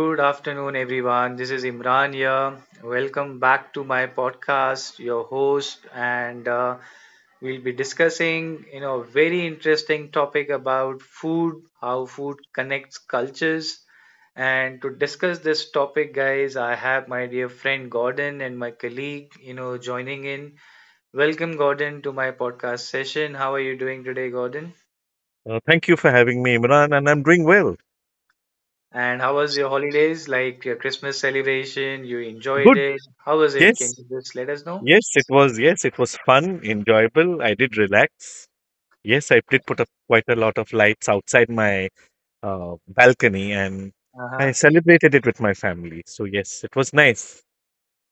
Good afternoon, everyone. This is Imran here. Welcome back to my podcast, your host, and we'll be discussing, a very interesting topic about food, how food connects cultures. And to discuss this topic, guys, I have my dear friend Gordon and my colleague, joining in. Welcome, Gordon, to my podcast session. How are you doing today, Gordon? Thank you for having me, Imran, and I'm doing well. And how was your holidays? Like your Christmas celebration, you enjoyed Good. it? How was it? Can Yes. you just let us know? Yes, it was. Yes, it was fun, enjoyable. I did relax. Yes, I did put up quite a lot of lights outside my balcony, and I Uh-huh. celebrated it with my family. So yes, it was nice.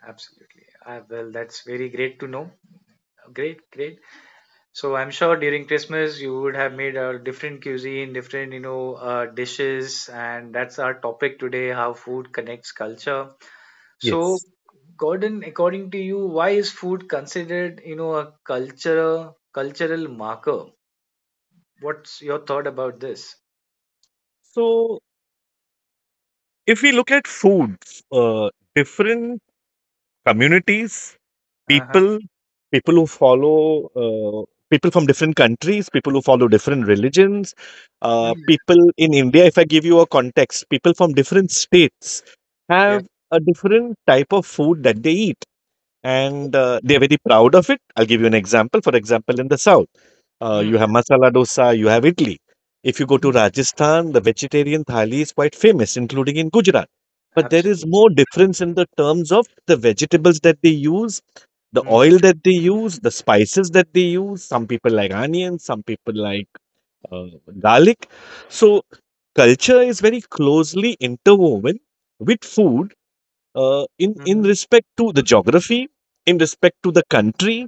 Absolutely. Well, that's very great to know. Great. So I'm sure during Christmas you would have made a different cuisine, different, dishes, and that's our topic today, how food connects culture. So, Yes. Gordon, according to you, why is food considered, a culture cultural marker? What's your thought about this? So if we look at foods, different communities, Uh-huh. people people who follow, uh, people from different countries, people who follow different religions, Hmm. People in India, if I give you a context, people from different states have a different type of food that they eat, and they're very proud of it. I'll give you an example. For example, in the south, Mm, you have masala dosa, you have idli. If you go to mm, Rajasthan, the vegetarian thali is quite famous, including in Gujarat. But there is absolutely. more difference in the terms of the vegetables that they use, the Mm-hmm, oil that they use, the spices that they use. Some people like onions, some people like uh, garlic. So culture is very closely interwoven with food, in mm-hmm. respect to the geography, in respect to the country,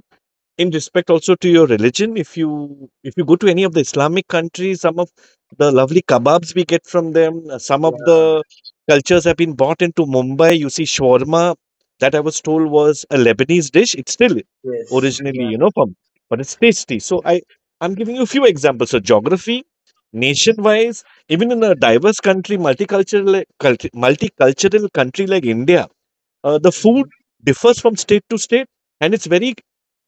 in respect also to your religion. If you go to any of the Islamic countries, some of the lovely kebabs we get from them. Some Yeah, of the cultures have been brought into Mumbai. You see shawarma that I was told was a Lebanese dish. It's still yes, originally, yeah, from, but it's tasty. So I'm giving you a few examples. So geography, nation wise, even in a diverse country, multicultural country like India, the food hmm, differs from state to state, and it's very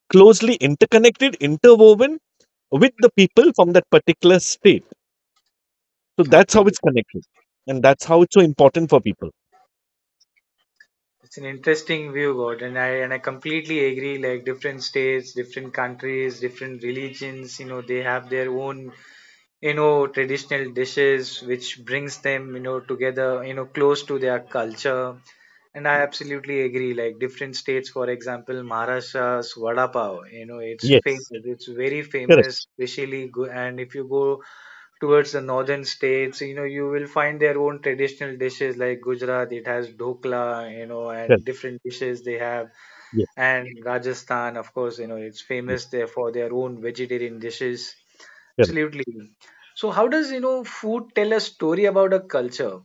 closely interconnected, interwoven with the people from that particular state. So that's how it's absolutely. connected. And that's how it's so important for people. It's an interesting view, God, and I completely agree. Like different states, different countries, different religions, they have their own, traditional dishes, which brings them, you know, together, close to their culture. And I Ye- absolutely agree. Like different states, for example, Maharashtra's vada pav, it's famous. Yes. It's very Correct. famous, especially go. And if you go towards the northern states, you will find their own traditional dishes like Gujarat, it has dhokla, and Correct. different dishes they have. Yes. And Rajasthan, of course, it's Yes. famous there for their own vegetarian dishes. Correct. Absolutely. So, how does, food tell a story about a culture?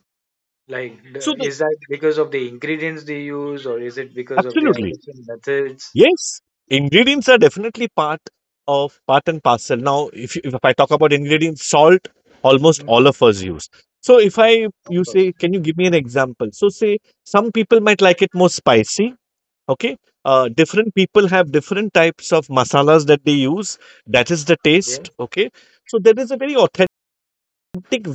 Like, So the is that because of the ingredients they use, or is it because of their absolutely. different methods? Yes. Ingredients are definitely part and parcel. Now, if I talk about ingredients, salt, almost all of Hmm. us use. So if I Of you course. say, can you give me an example? So say some people might like it more spicy, okay. Different people have different types of masalas that they use. That is the taste, Yes. okay. So there is a very authentic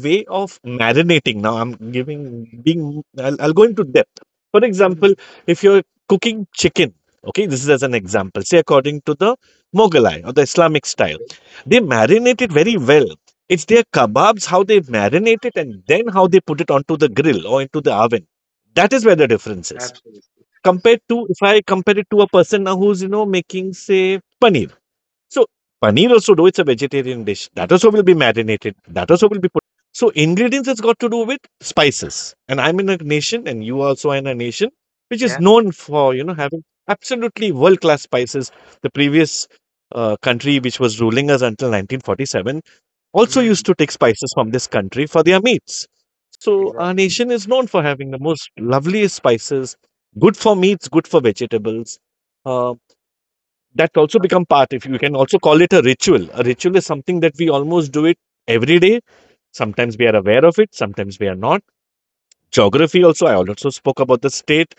way of marinating. Now I'm giving being I'll go into depth. For example, Mm. if you're cooking chicken, okay, this is as an example. Say, according to the Mogalai or the Islamic style, Okay. they marinate it very well. It's their kebabs, how they marinate it, and then how they put it onto the grill or into the oven. That is where the difference is Absolutely. compared to, if I compare it to a person now who's making say paneer. So paneer also, though it's a vegetarian dish, that also will be marinated, that also will be put. So ingredients has got to do with spices, and I'm in a nation, and you also are in a nation which is Yeah. known for having absolutely world class spices. The previous country which was ruling us until 1947 also Mm. used to take spices from this country for their meats. So our Exactly. nation is known for having the most loveliest spices, good for meats, good for vegetables. Uh, that also Okay. become part, if you can also call it a ritual. A ritual is something that we almost do it every day. Sometimes we are aware of it, sometimes we are not. Geography also, I also spoke about the state.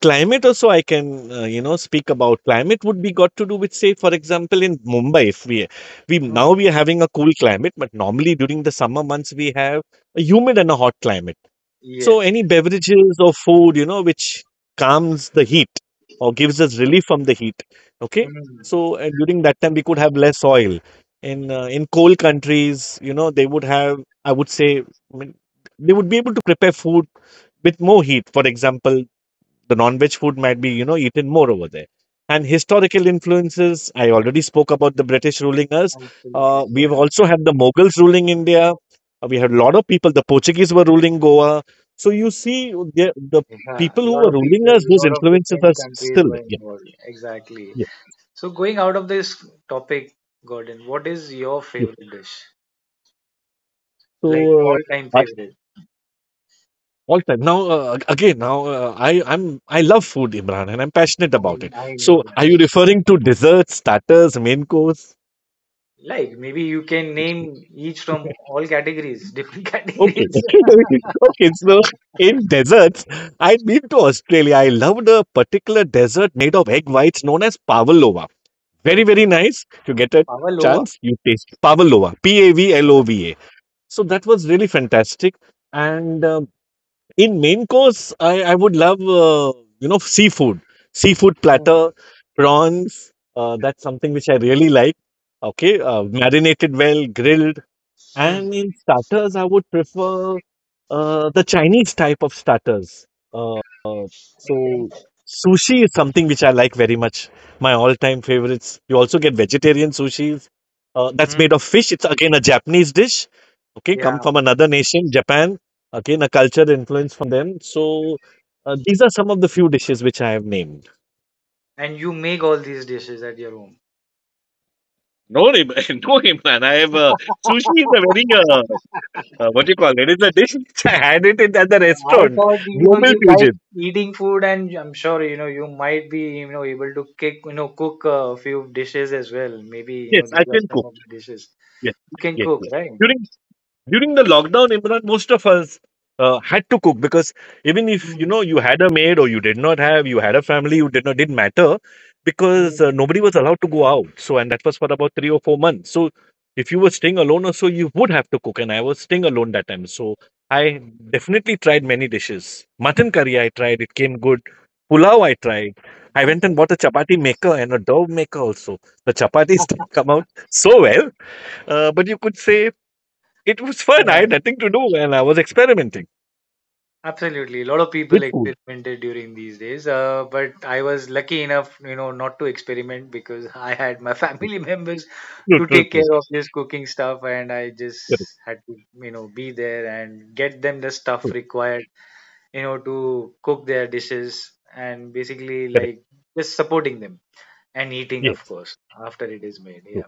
Climate also I can, speak about. Climate would be got to do with, say, for example, in Mumbai, if we, we now Mm. we are having a cool climate, but normally during the summer months we have a humid and a hot climate. So Yes, any beverages or food, which calms the heat or gives us relief from the heat. Okay, mm, so during that time we could have less oil. In cold countries, they would have, I would say, I mean, they would be able to prepare food with more heat. For example, the non-veg food might be eaten more over there. And historical influences, I already spoke about the British ruling us. absolutely. We have Yeah, also had the Mughals ruling India. We had a lot of people, the Portuguese were ruling Goa. So you see the, the yeah. people A who lot were of ruling people, us, a those lot of influences different are countries still were there. Yeah, involved. Exactly. yeah, So, going out of this topic, Gordon, what is your yeah. favorite dish? Like So all-time uh, I- favorite. all time now, again now, I love food, Imran, and I'm passionate I about it. I So know that. are you Yes. referring to Mm. desserts, starters, main course? Like maybe you can name each from all categories, different Okay. categories. Okay. So in deserts, I've been to Australia. I loved a particular dessert made of egg whites known as pavlova. Very, very Okay. nice. If you get a Pavlova. chance, you taste pavlova. P A V L O Okay. V A. So that was really fantastic. And in main course, I would love, seafood. Seafood Mm. platter, prawns. That's something which I really like. Okay. Marinated well, grilled. Mm. And in starters, I would prefer the Chinese type of starters. Uh, so Okay. sushi is something which I like very much. My all-time favorites. You also get vegetarian sushis. That's Mm. made of fish. It's again a Japanese dish. Okay, come Yeah, from another nation, Japan. Again, a culture influence from them. So these are some of the few dishes which I have named. and you make all these dishes at your home. No, no, Imran. I have sushi is a very what do you call it? It's a dish which I had it at the I restaurant. thought Global you like fusion. eating food, and I'm sure you might be able to kick cook a few dishes as well. Maybe Yes, I these are can some cook. of the dishes Yes, you can yes, cook, yes. right? During. During the lockdown, Imran, most of us had to cook because, even if Mm, you had a maid or you did not have, you had a family, you did not, didn't matter, because mm. nobody was allowed to go out. So and that was for about 3 or 4 months. So if you were staying alone or so, you would have to cook. And I was staying alone that time, so I definitely tried many dishes. Mutton curry I tried; it came good. Yeah, Pulao I tried. I went okay. and bought a chapati maker and a dough maker also. The chapatis didn't come out so well, but you could say it was fun. I Yeah, had nothing to do, and I was experimenting absolutely. A lot of people with food. experimented during these days, but I was lucky enough, not to experiment because I had my family members True, to true, take true. care of this cooking stuff, and I just Correct, had to, be there and get them the stuff true, required to cook their dishes and basically correct. like just supporting them and eating of Yes, course after it is made, true, yeah,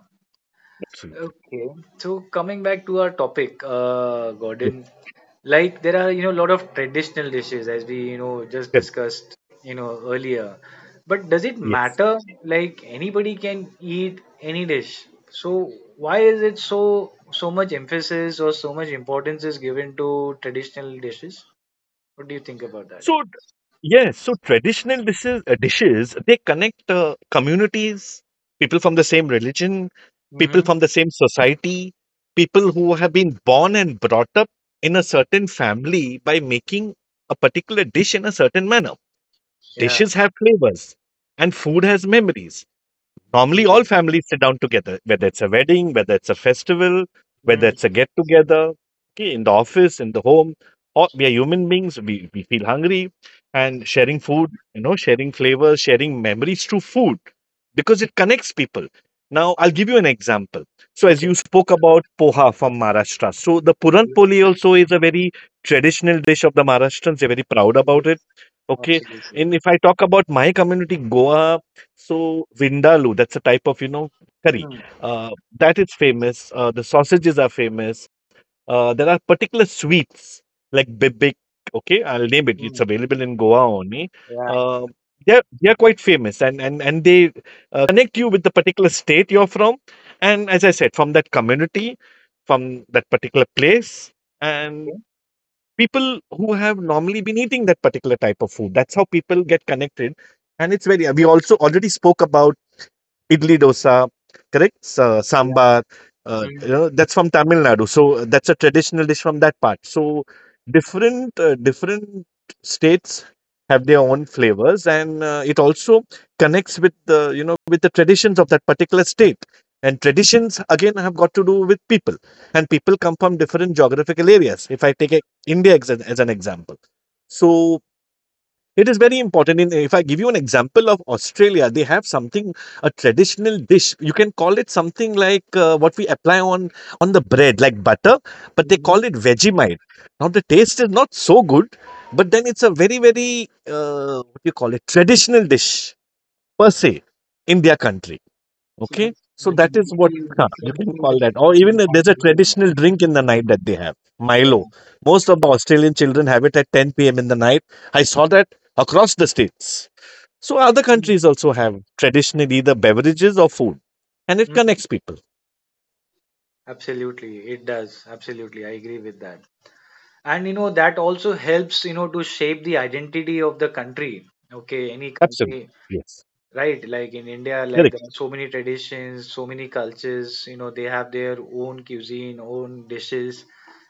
absolutely. okay, so coming back to our topic, Yes, Gordon, like there are a lot of traditional dishes as we just correct. discussed earlier, but does it Yes. matter? Like anybody can eat any dish, so why is it so much emphasis or so much importance is given to traditional dishes? What do you think about So, yes. So traditional dishes, they connect communities, people from the same religion, people that? from the same society, people who have been born and brought up in a certain family by making a particular dish in a certain manner. Yeah. Dishes have flavors, and food has memories. Normally, all Yes. families sit down together, whether it's a wedding, whether it's a festival, whether Mm. it's a get together, okay, in the office, in the home. Or we are human beings, we feel hungry, and sharing food, sharing flavors, sharing memories through food, because it connects people. Now, I'll give you an example. So, as Okay. you spoke about poha from Maharashtra, so the Puran Yes. Poli also is a very traditional dish of the Maharashtrians. They're very proud Yes. about it. Okay. Absolutely. And if I talk about my community, Goa, so Vindaloo, that's a type of, curry. Mm. Uh, that is famous. The sausages are famous. There are particular sweets like bibik. Okay, I'll name it. It's Mm. available in Goa only. Yeah. Uh, they're quite famous, and they connect you with the particular state you're from, and as I said, from that community, from that particular place, and Okay. people who have normally been eating that particular type of food. That's how people get connected. And we also already spoke about idli dosa, correct? Yeah. Sambar, Mm. That's from Tamil Nadu. So that's a traditional dish from that part. So different states have their own flavors, and it also connects with the you know with the traditions of that particular state. And traditions again have got to do with people, and people come from different geographical areas. If I take India as an example, so it is very important. If I give you an example of Australia, they have something, a traditional dish. You can call it something like what we apply on the bread, like butter, but they Mm-hmm. call it Vegemite. Now the taste is not so good, but then it's a very very what do you call it, traditional dish per se in their country. So Okay, that's so the that is what, usual the you can circle call that that. you Or even can if there's find a everywhere. traditional drink in the night that they have, Milo. Yeah. Most of the Australian children have it at 10 p.m. in the night. I saw that across the states. So other Mm. countries also have traditionally either beverages or food, and it Mm. connects people. Absolutely. It does. Absolutely. I agree with that. And that also helps to shape the identity of the country. Okay, any Absolutely, country. yes, Right, like in India, like correct. there are so many traditions, so many cultures, they have their own cuisine, own dishes,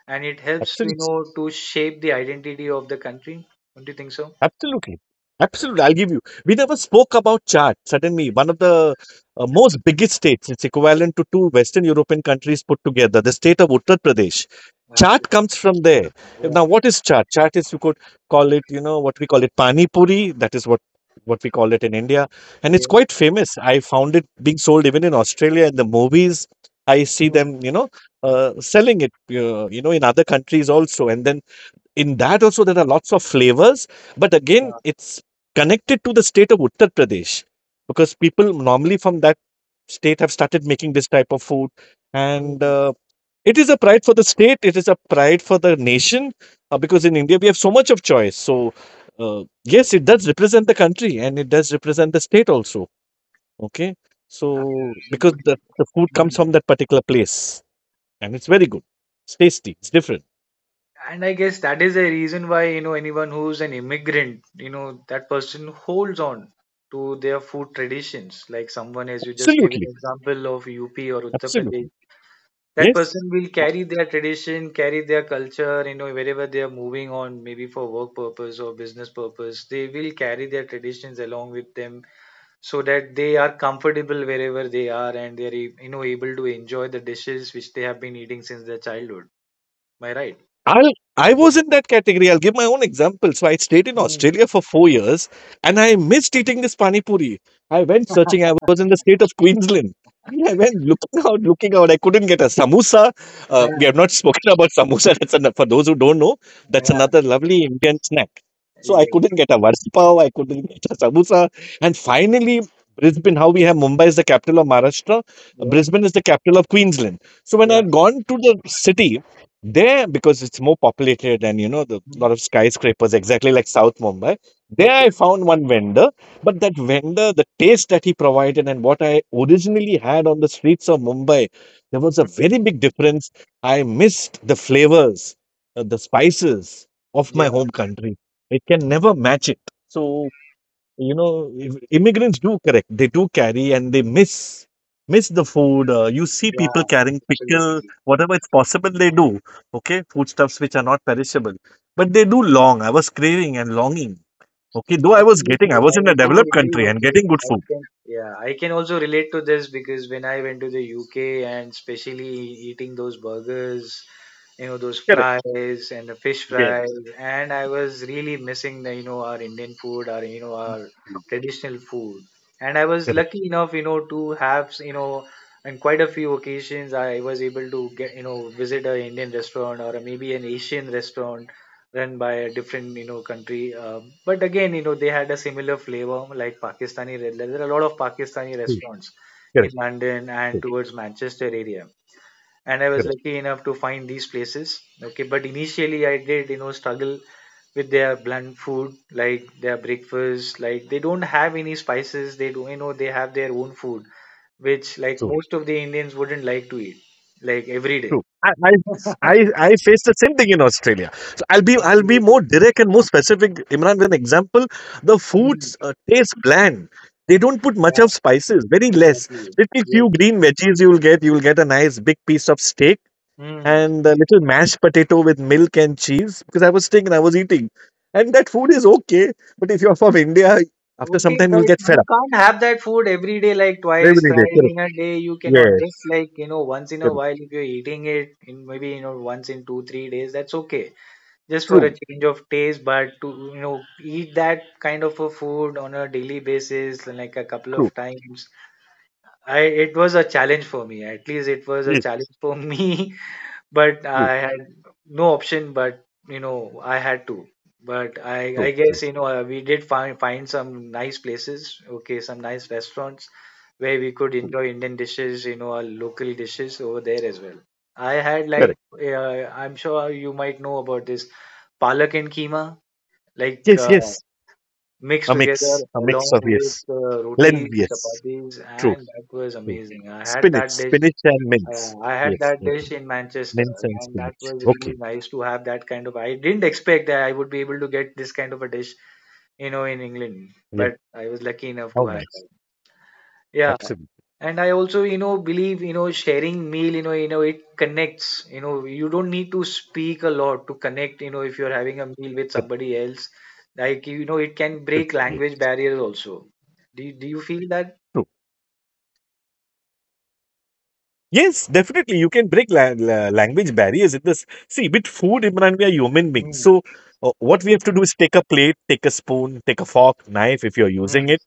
and it helps, Absolutely. To shape the identity of the country. Don't you think so? Absolutely. Absolutely. I'll give you. We never spoke about Chad. Suddenly, one of the most biggest states, it's equivalent to two Western European countries put together, the state of Uttar Pradesh. Chaat Absolutely. comes from there. Yeah, Now, what is chaat? Chaat is, you could call it, what we call it pani puri. That is what we call it in India. And yeah. it's yeah. quite famous. I found it being sold even in Australia in the movies. I see Mm, them, selling it, in other countries also. And then in that also there are lots of flavors, but again yeah. it's connected to the state of Uttar Pradesh because people normally from that state have started making this type of food. And Mm, it is a pride for the state, it is a pride for the nation. Because in India we have so much of choice. So uh, yes, it does represent the country, and it does represent the state also. Okay, so because absolutely. the food comes Mm. from that particular place and it's very good, it's tasty, it's different. And I guess that is the reason why, anyone who's an immigrant, that person holds on to their food traditions. Like someone, as you just gave an Absolutely, example of UP or Uttar Pradesh, absolutely, that yes. person will carry their tradition, carry their culture, wherever they are moving on, maybe for work purpose or business purpose, they will carry their traditions along with them so that they are comfortable wherever they are and they are, able to enjoy the dishes which they have been eating since their childhood. Am I right? I'll, I was in that category. I'll give my own example. So I stayed in Mm. Australia for 4 years and I missed eating this pani puri. I went searching. I was in the state of Queensland. And I went looking out, looking out. I couldn't get a samosa. Yeah, We have not spoken about samosa. For those who don't know, that's yeah, another lovely Indian snack. So I Yes. couldn't get a varsi pav. I couldn't get a samosa. And finally, Brisbane, how we have Mumbai is the capital of Maharashtra. Yeah. Brisbane is the capital of Queensland. So when I yeah. had gone to the city, there, because it's more populated and the Mm. lot of skyscrapers, exactly like South Mumbai. There, Okay. I found one vendor, but that vendor, the taste that he provided and what I originally had on the streets of Mumbai, there was a Mhm. very big difference. I missed the flavors, the spices of Yeah. my home country. It can never match it. So you know immigrants do, correct, they do carry and they miss the food. You see Yeah, people carrying pickle, absolutely. whatever it's possible, they do, okay, foodstuffs which are not perishable. But they do long. I was craving and longing, okay, though Absolutely, I was in I a do developed agree country with and you. getting good I food. can, yeah, I can also relate to this because when I went to the UK and especially eating those burgers, those Correct, fries and the fish yeah, fries, and I was really missing the, our Indian food, our, our no, traditional food. And I was correct, lucky enough, to have, on quite a few occasions I was able to get, visit a Indian restaurant or a, maybe an Asian restaurant run by a different country, but again they had a similar flavor, like there are a lot of Pakistani true, restaurants in correct, London and true, towards Manchester area, and I was correct. lucky enough to find these places. Okay, but initially I did struggle with their blunt food, like their breakfast, like they don't have any spices, they do they have their own food, which like True. most of the Indians wouldn't like to eat like every day. True. I I faced the same thing in Australia. So I'll be more Absolutely. direct and more specific, Imran, with an example. The Hmm. foods taste bland. They don't put much of Yeah, spices, very less. exactly, Little yes. few green veggies you'll get. You'll get a nice big piece of steak Hmm. and a little mashed potato with milk and cheese. Because I was steak and I was eating, and that food is okay. But if you're from India, after some Okay, time but you'll get fed you up can't have that food every day, like twice, every day. thrice Correct. in a day. You cannot just Yes. like, once in a Correct. while, if you're eating it in maybe, once in two, 3 days, that's okay. Just for a True. change of taste, but to, eat that kind of a food on a daily basis, like a couple True. of times, it was a challenge for me. At least it was a Yes. challenge for me, but True. I had no option. But I had to. But I True. True. guess we did find some nice places. Okay, some nice restaurants where we could enjoy Indian dishes. Our local dishes over there as well. I had like, Correct. I'm sure you might know about this palak and keema, like, Yes. Yes. mixed A together mix, a along mix of, with, yes, lens, rotis, yes, chapatis, true, and that was true. amazing. I had Spinach, that dish, spinach and mince. I had Yes, that okay. dish in Manchester, Mince and and that spinach. was Okay, really nice to have that kind of. I didn't expect that I would be able to get this kind of a dish, in England, yeah. but I was lucky enough How to have nice. that. Yeah, Absolutely. and I also, believe, sharing meal, it connects. You don't need to speak a lot to connect. If you're having a meal with Good, somebody else, like it can good. break Yeah, language barriers also. Do you feel that? true. Yes, definitely. You can break language barriers in this. See, with food, Imran, we are human beings. Mm, So, what we have to do is take a plate, take a spoon, take a fork, knife if you're mm, using it.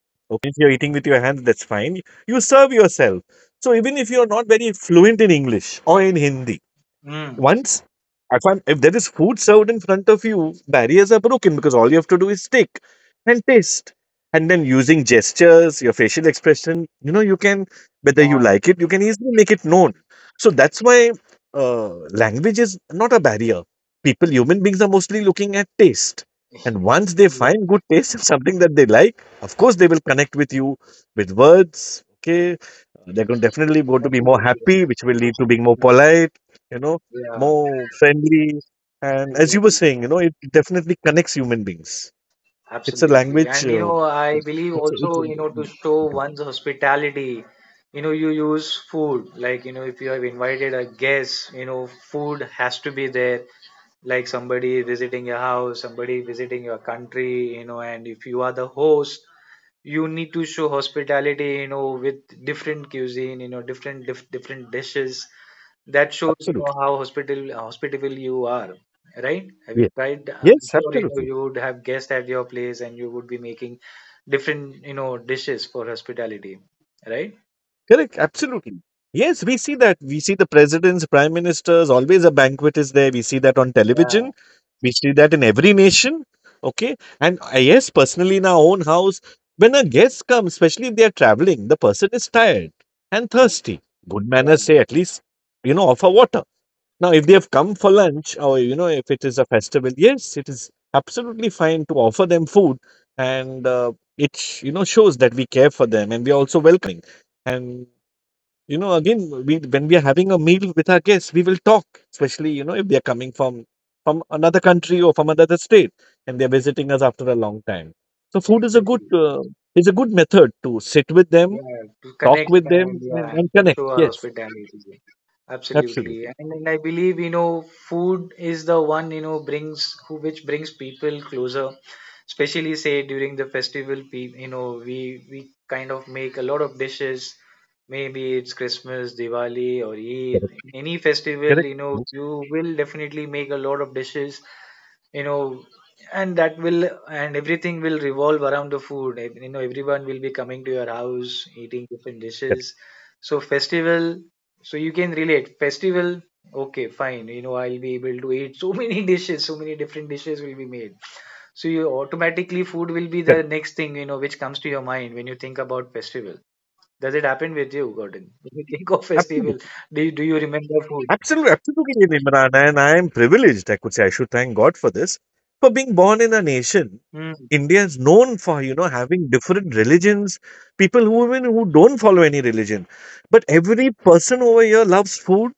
If you're eating with your hands, that's fine. You serve yourself. So, even if you're not very fluent in English or in Hindi. mm. Once, if there is food served in front of you, barriers are broken because all you have to do is take and taste. And then using gestures, your facial expression, whether you Yeah, like it, you can easily make it known. So that's why language is not a barrier. People, human beings are mostly looking at taste. And once they find exactly. good taste in something that they like, of course, they will connect with you with words. Okay, they're going definitely going to be more Absolutely. Yes. happy, which will lead to being more Mm, polite, you know, yeah. more friendly. And as you were Exactly. saying, it definitely connects human beings. It's a Absolutely. language. And I believe it's, a, it's also, to show a, one's hospitality, you use food. Like, if you have invited a guest, food has to be there. Like somebody visiting your house, somebody visiting your country, and if you are the host, you need to show hospitality, with different cuisine, different different dishes. That shows Absolutely. how hospital hospitable you are, right? Have you Yeah. tried, I'm Yes, sure absolutely. you would have guests at your place and you would be making different dishes for hospitality, right? Correct. Absolutely. Yes, we see that. We see the presidents, prime ministers, always a banquet is there. We see that on television. yeah We see that in every nation. Okay. And yes, personally, in our own house, when a guest comes, especially if they are traveling, the person is tired and yeah thirsty. Good yeah, manners say at least, offer water. Now, if yeah. they have come for lunch or, if it is a festival, yes, it is absolutely fine to offer them food. And it shows that we care for them, and we are also welcoming. and. Again, when we are having a meal with our guests, we will talk, especially, if they are coming from another country or from another state and they're visiting us after a long time. So food is a good Exactly. uh, is a good method to sit with them, Yeah, to talk connect with them, and and, yeah, and to connect. show our Yes, hospitality. Absolutely, absolutely. and I believe food is the one brings who which brings people closer. Especially say during the festival, we kind of make a lot of dishes. Maybe it's Christmas, Diwali, or Eid, Correct. any festival. Correct. Yes, You will definitely make a lot of dishes you know and that will, and everything will revolve around the food. Everyone will be coming to your house eating different correct. dishes. So festival, so you can relate festival, okay, fine, I'll be able to eat so many dishes, so many different dishes will be made, so you automatically, food will be Correct. the next thing which comes to your mind when you think about festival. Does it happen with you, Gordon? When you think of festival, Absolutely. do you remember food? Absolutely, absolutely, Imran. And I am privileged, I could say, I should thank God for this, for being born in a nation. Hmm. India is known for, having different religions, people who don't follow any religion. But every person over here loves food.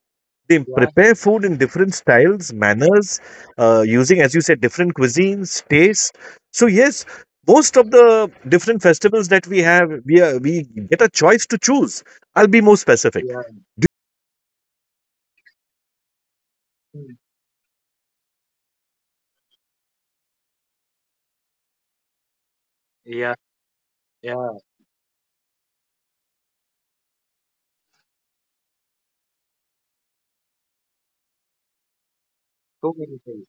They Yeah, prepare food in different styles, manners, using, as you said, different cuisines, taste. So yes, most of the different festivals that we have, we get a choice to choose. I'll be more specific, yeah. Hmm. Yeah, yeah, so many things.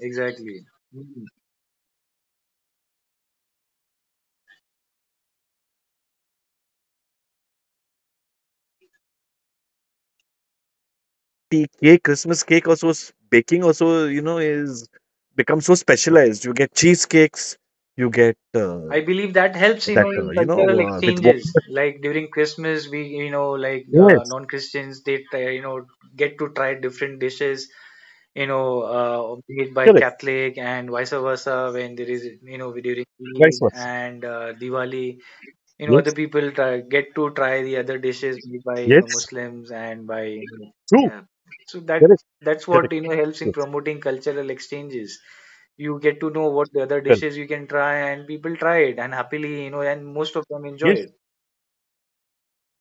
Exactly. Mm. the cake, Christmas cake also, baking also, is become so specialized. You get cheesecakes, you get I believe that helps, that, in cultural with exchanges. Like during Christmas, we, like, yes, non-Christians, they try, get to try different dishes, be it by correct. Catholic and vice versa when there is, during Eid Vice versa. and, Diwali. Other Yes, people try, get to try the other dishes made by yes, Muslims and by true. yeah, so that Correct, that's what correct. Helps in Yes, promoting cultural exchanges. You get to know what the other correct. dishes you can try, and people try it and happily and most of them enjoy Yes, it.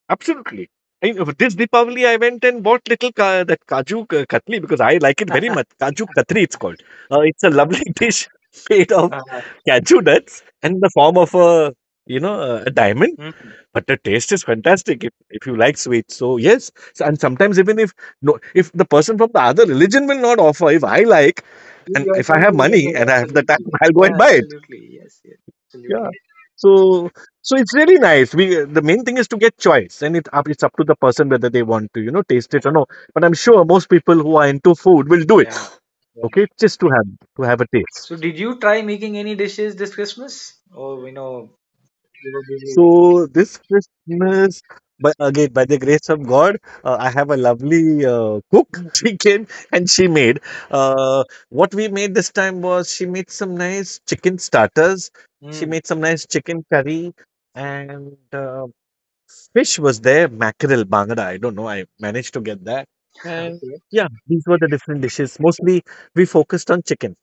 absolutely. This Deepavali, I went and bought little that kaju katli because I like it very much. Kaju katri, it's called. It's a lovely dish made of Uh, cashew nuts and in the form of a diamond. mm. But the taste is fantastic if you like sweets. So yes, and sometimes even if no, if the person from the other religion will not offer, if I like You and if I yourself have will money get it, and I have the time, absolutely. I'll go and Yeah, buy it. absolutely. Yes, yes, Yeah. absolutely. So so it's really nice. We The main thing is to get choice, and it's up to the person whether they want to taste it or no. But I'm sure most people who are into food will do it. Yeah, yeah. Okay, just to have a taste. So did you try making any dishes this Christmas, or you were busy? So this Christmas, by the grace of God, I have a lovely cook. Mm. She came and she made. What we made this time was she made some nice chicken starters. She Mm. made some nice chicken curry and fish was there, mackerel, bangada. I don't know. I managed to get that. And Okay. yeah, these were the different dishes. Mostly we focused on chicken.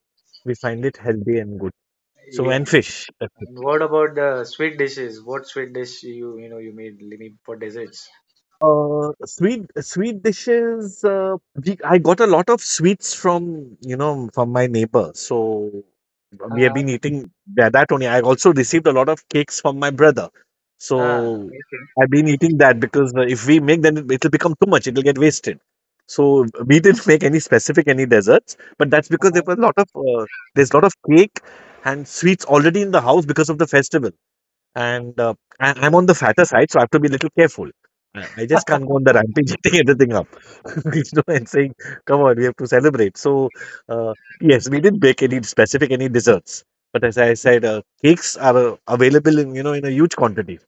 We find it healthy and good. So Yeah. and fish. And what about the sweet dishes? What sweet dish you made me for desserts? Sweet dishes. I got a lot of sweets from you know from my neighbor. So we have uh been eating that only. I also received a lot of cakes from my brother. Ah, So okay. I've been eating that because if we make, then it'll become too much. It'll get wasted. So we didn't make any specific any desserts, but that's because there were a uh lot of uh, there's a lot of cake and sweets already in the house because of the festival. And I'm on the Exactly. fatter side, so I have to be a little careful. I just can't go on the rampage eating everything up, and saying, "Come on, we have to celebrate." So, uh, yes, we didn't bake any specific any desserts, but as I said, cakes are available in you know in a huge quantity.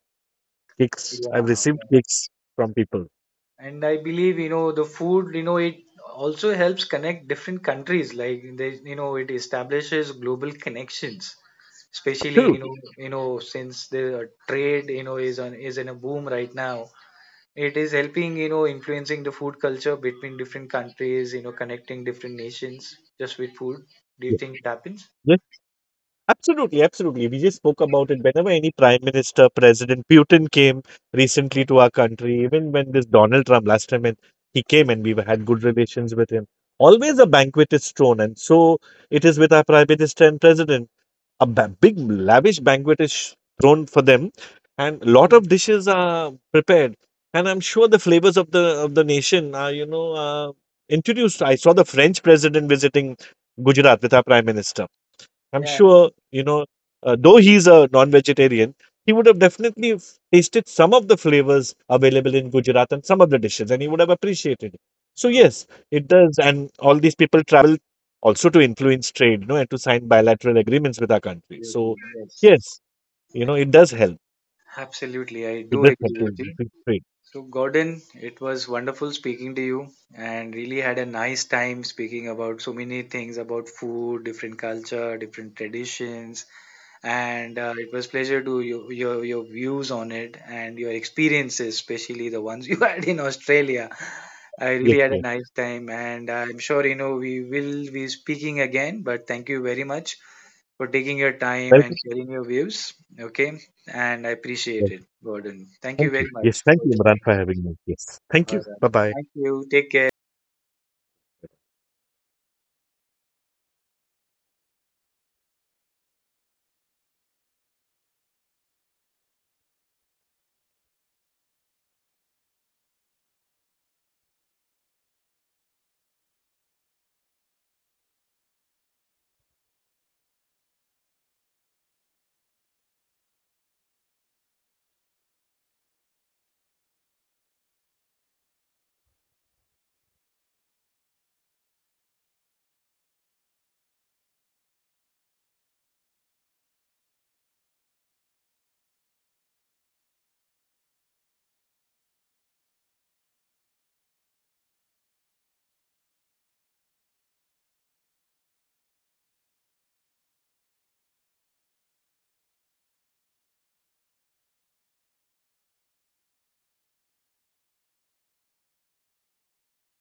Cakes, Yeah. I've received Okay. cakes from people. And I believe the food, it also helps connect different countries. Like they, it establishes global connections. Especially Absolutely. Since the trade is in a boom right now, it is helping influencing the food culture between different countries, connecting different nations just with food. Do you think it happens? Absolutely, absolutely. We just spoke about it. Whenever any prime minister, President Putin came recently to our country, even when this Donald Trump last time when he came and had good relations with him, always a banquet is thrown. And so it is with our prime minister and president, a big lavish banquet is thrown for them, and lot of dishes are prepared, and I'm sure the flavors of the nation are, introduced. I saw the French president visiting Gujarat with our prime minister. I'm Yeah, sure you know though he's a non-vegetarian, he would have definitely tasted some of the flavors available in Gujarat and some of the dishes, and he would have appreciated it. So yes, it does. And all these people travel also to influence trade, and to sign bilateral agreements with our country. absolutely. So, Yes. yes, it does help. Absolutely, I do It does help agree to with you. increase trade. So, Gordon, it was wonderful speaking to you and really had a nice time speaking about so many things about food, different culture, different traditions. And, it was pleasure to your, your views on it and your experiences, especially the ones you had in Australia. I Yes, really had a yes. nice time, and I'm sure we will be speaking again. But thank you very much for taking your time and Welcome. sharing your views. Okay, and I appreciate it, Welcome. Gordon. Thank you Thank you. very Yes, much for thank you, Imran, joining. for having me. Yes. Thank All right. you. Bye bye. Thank you. Take care.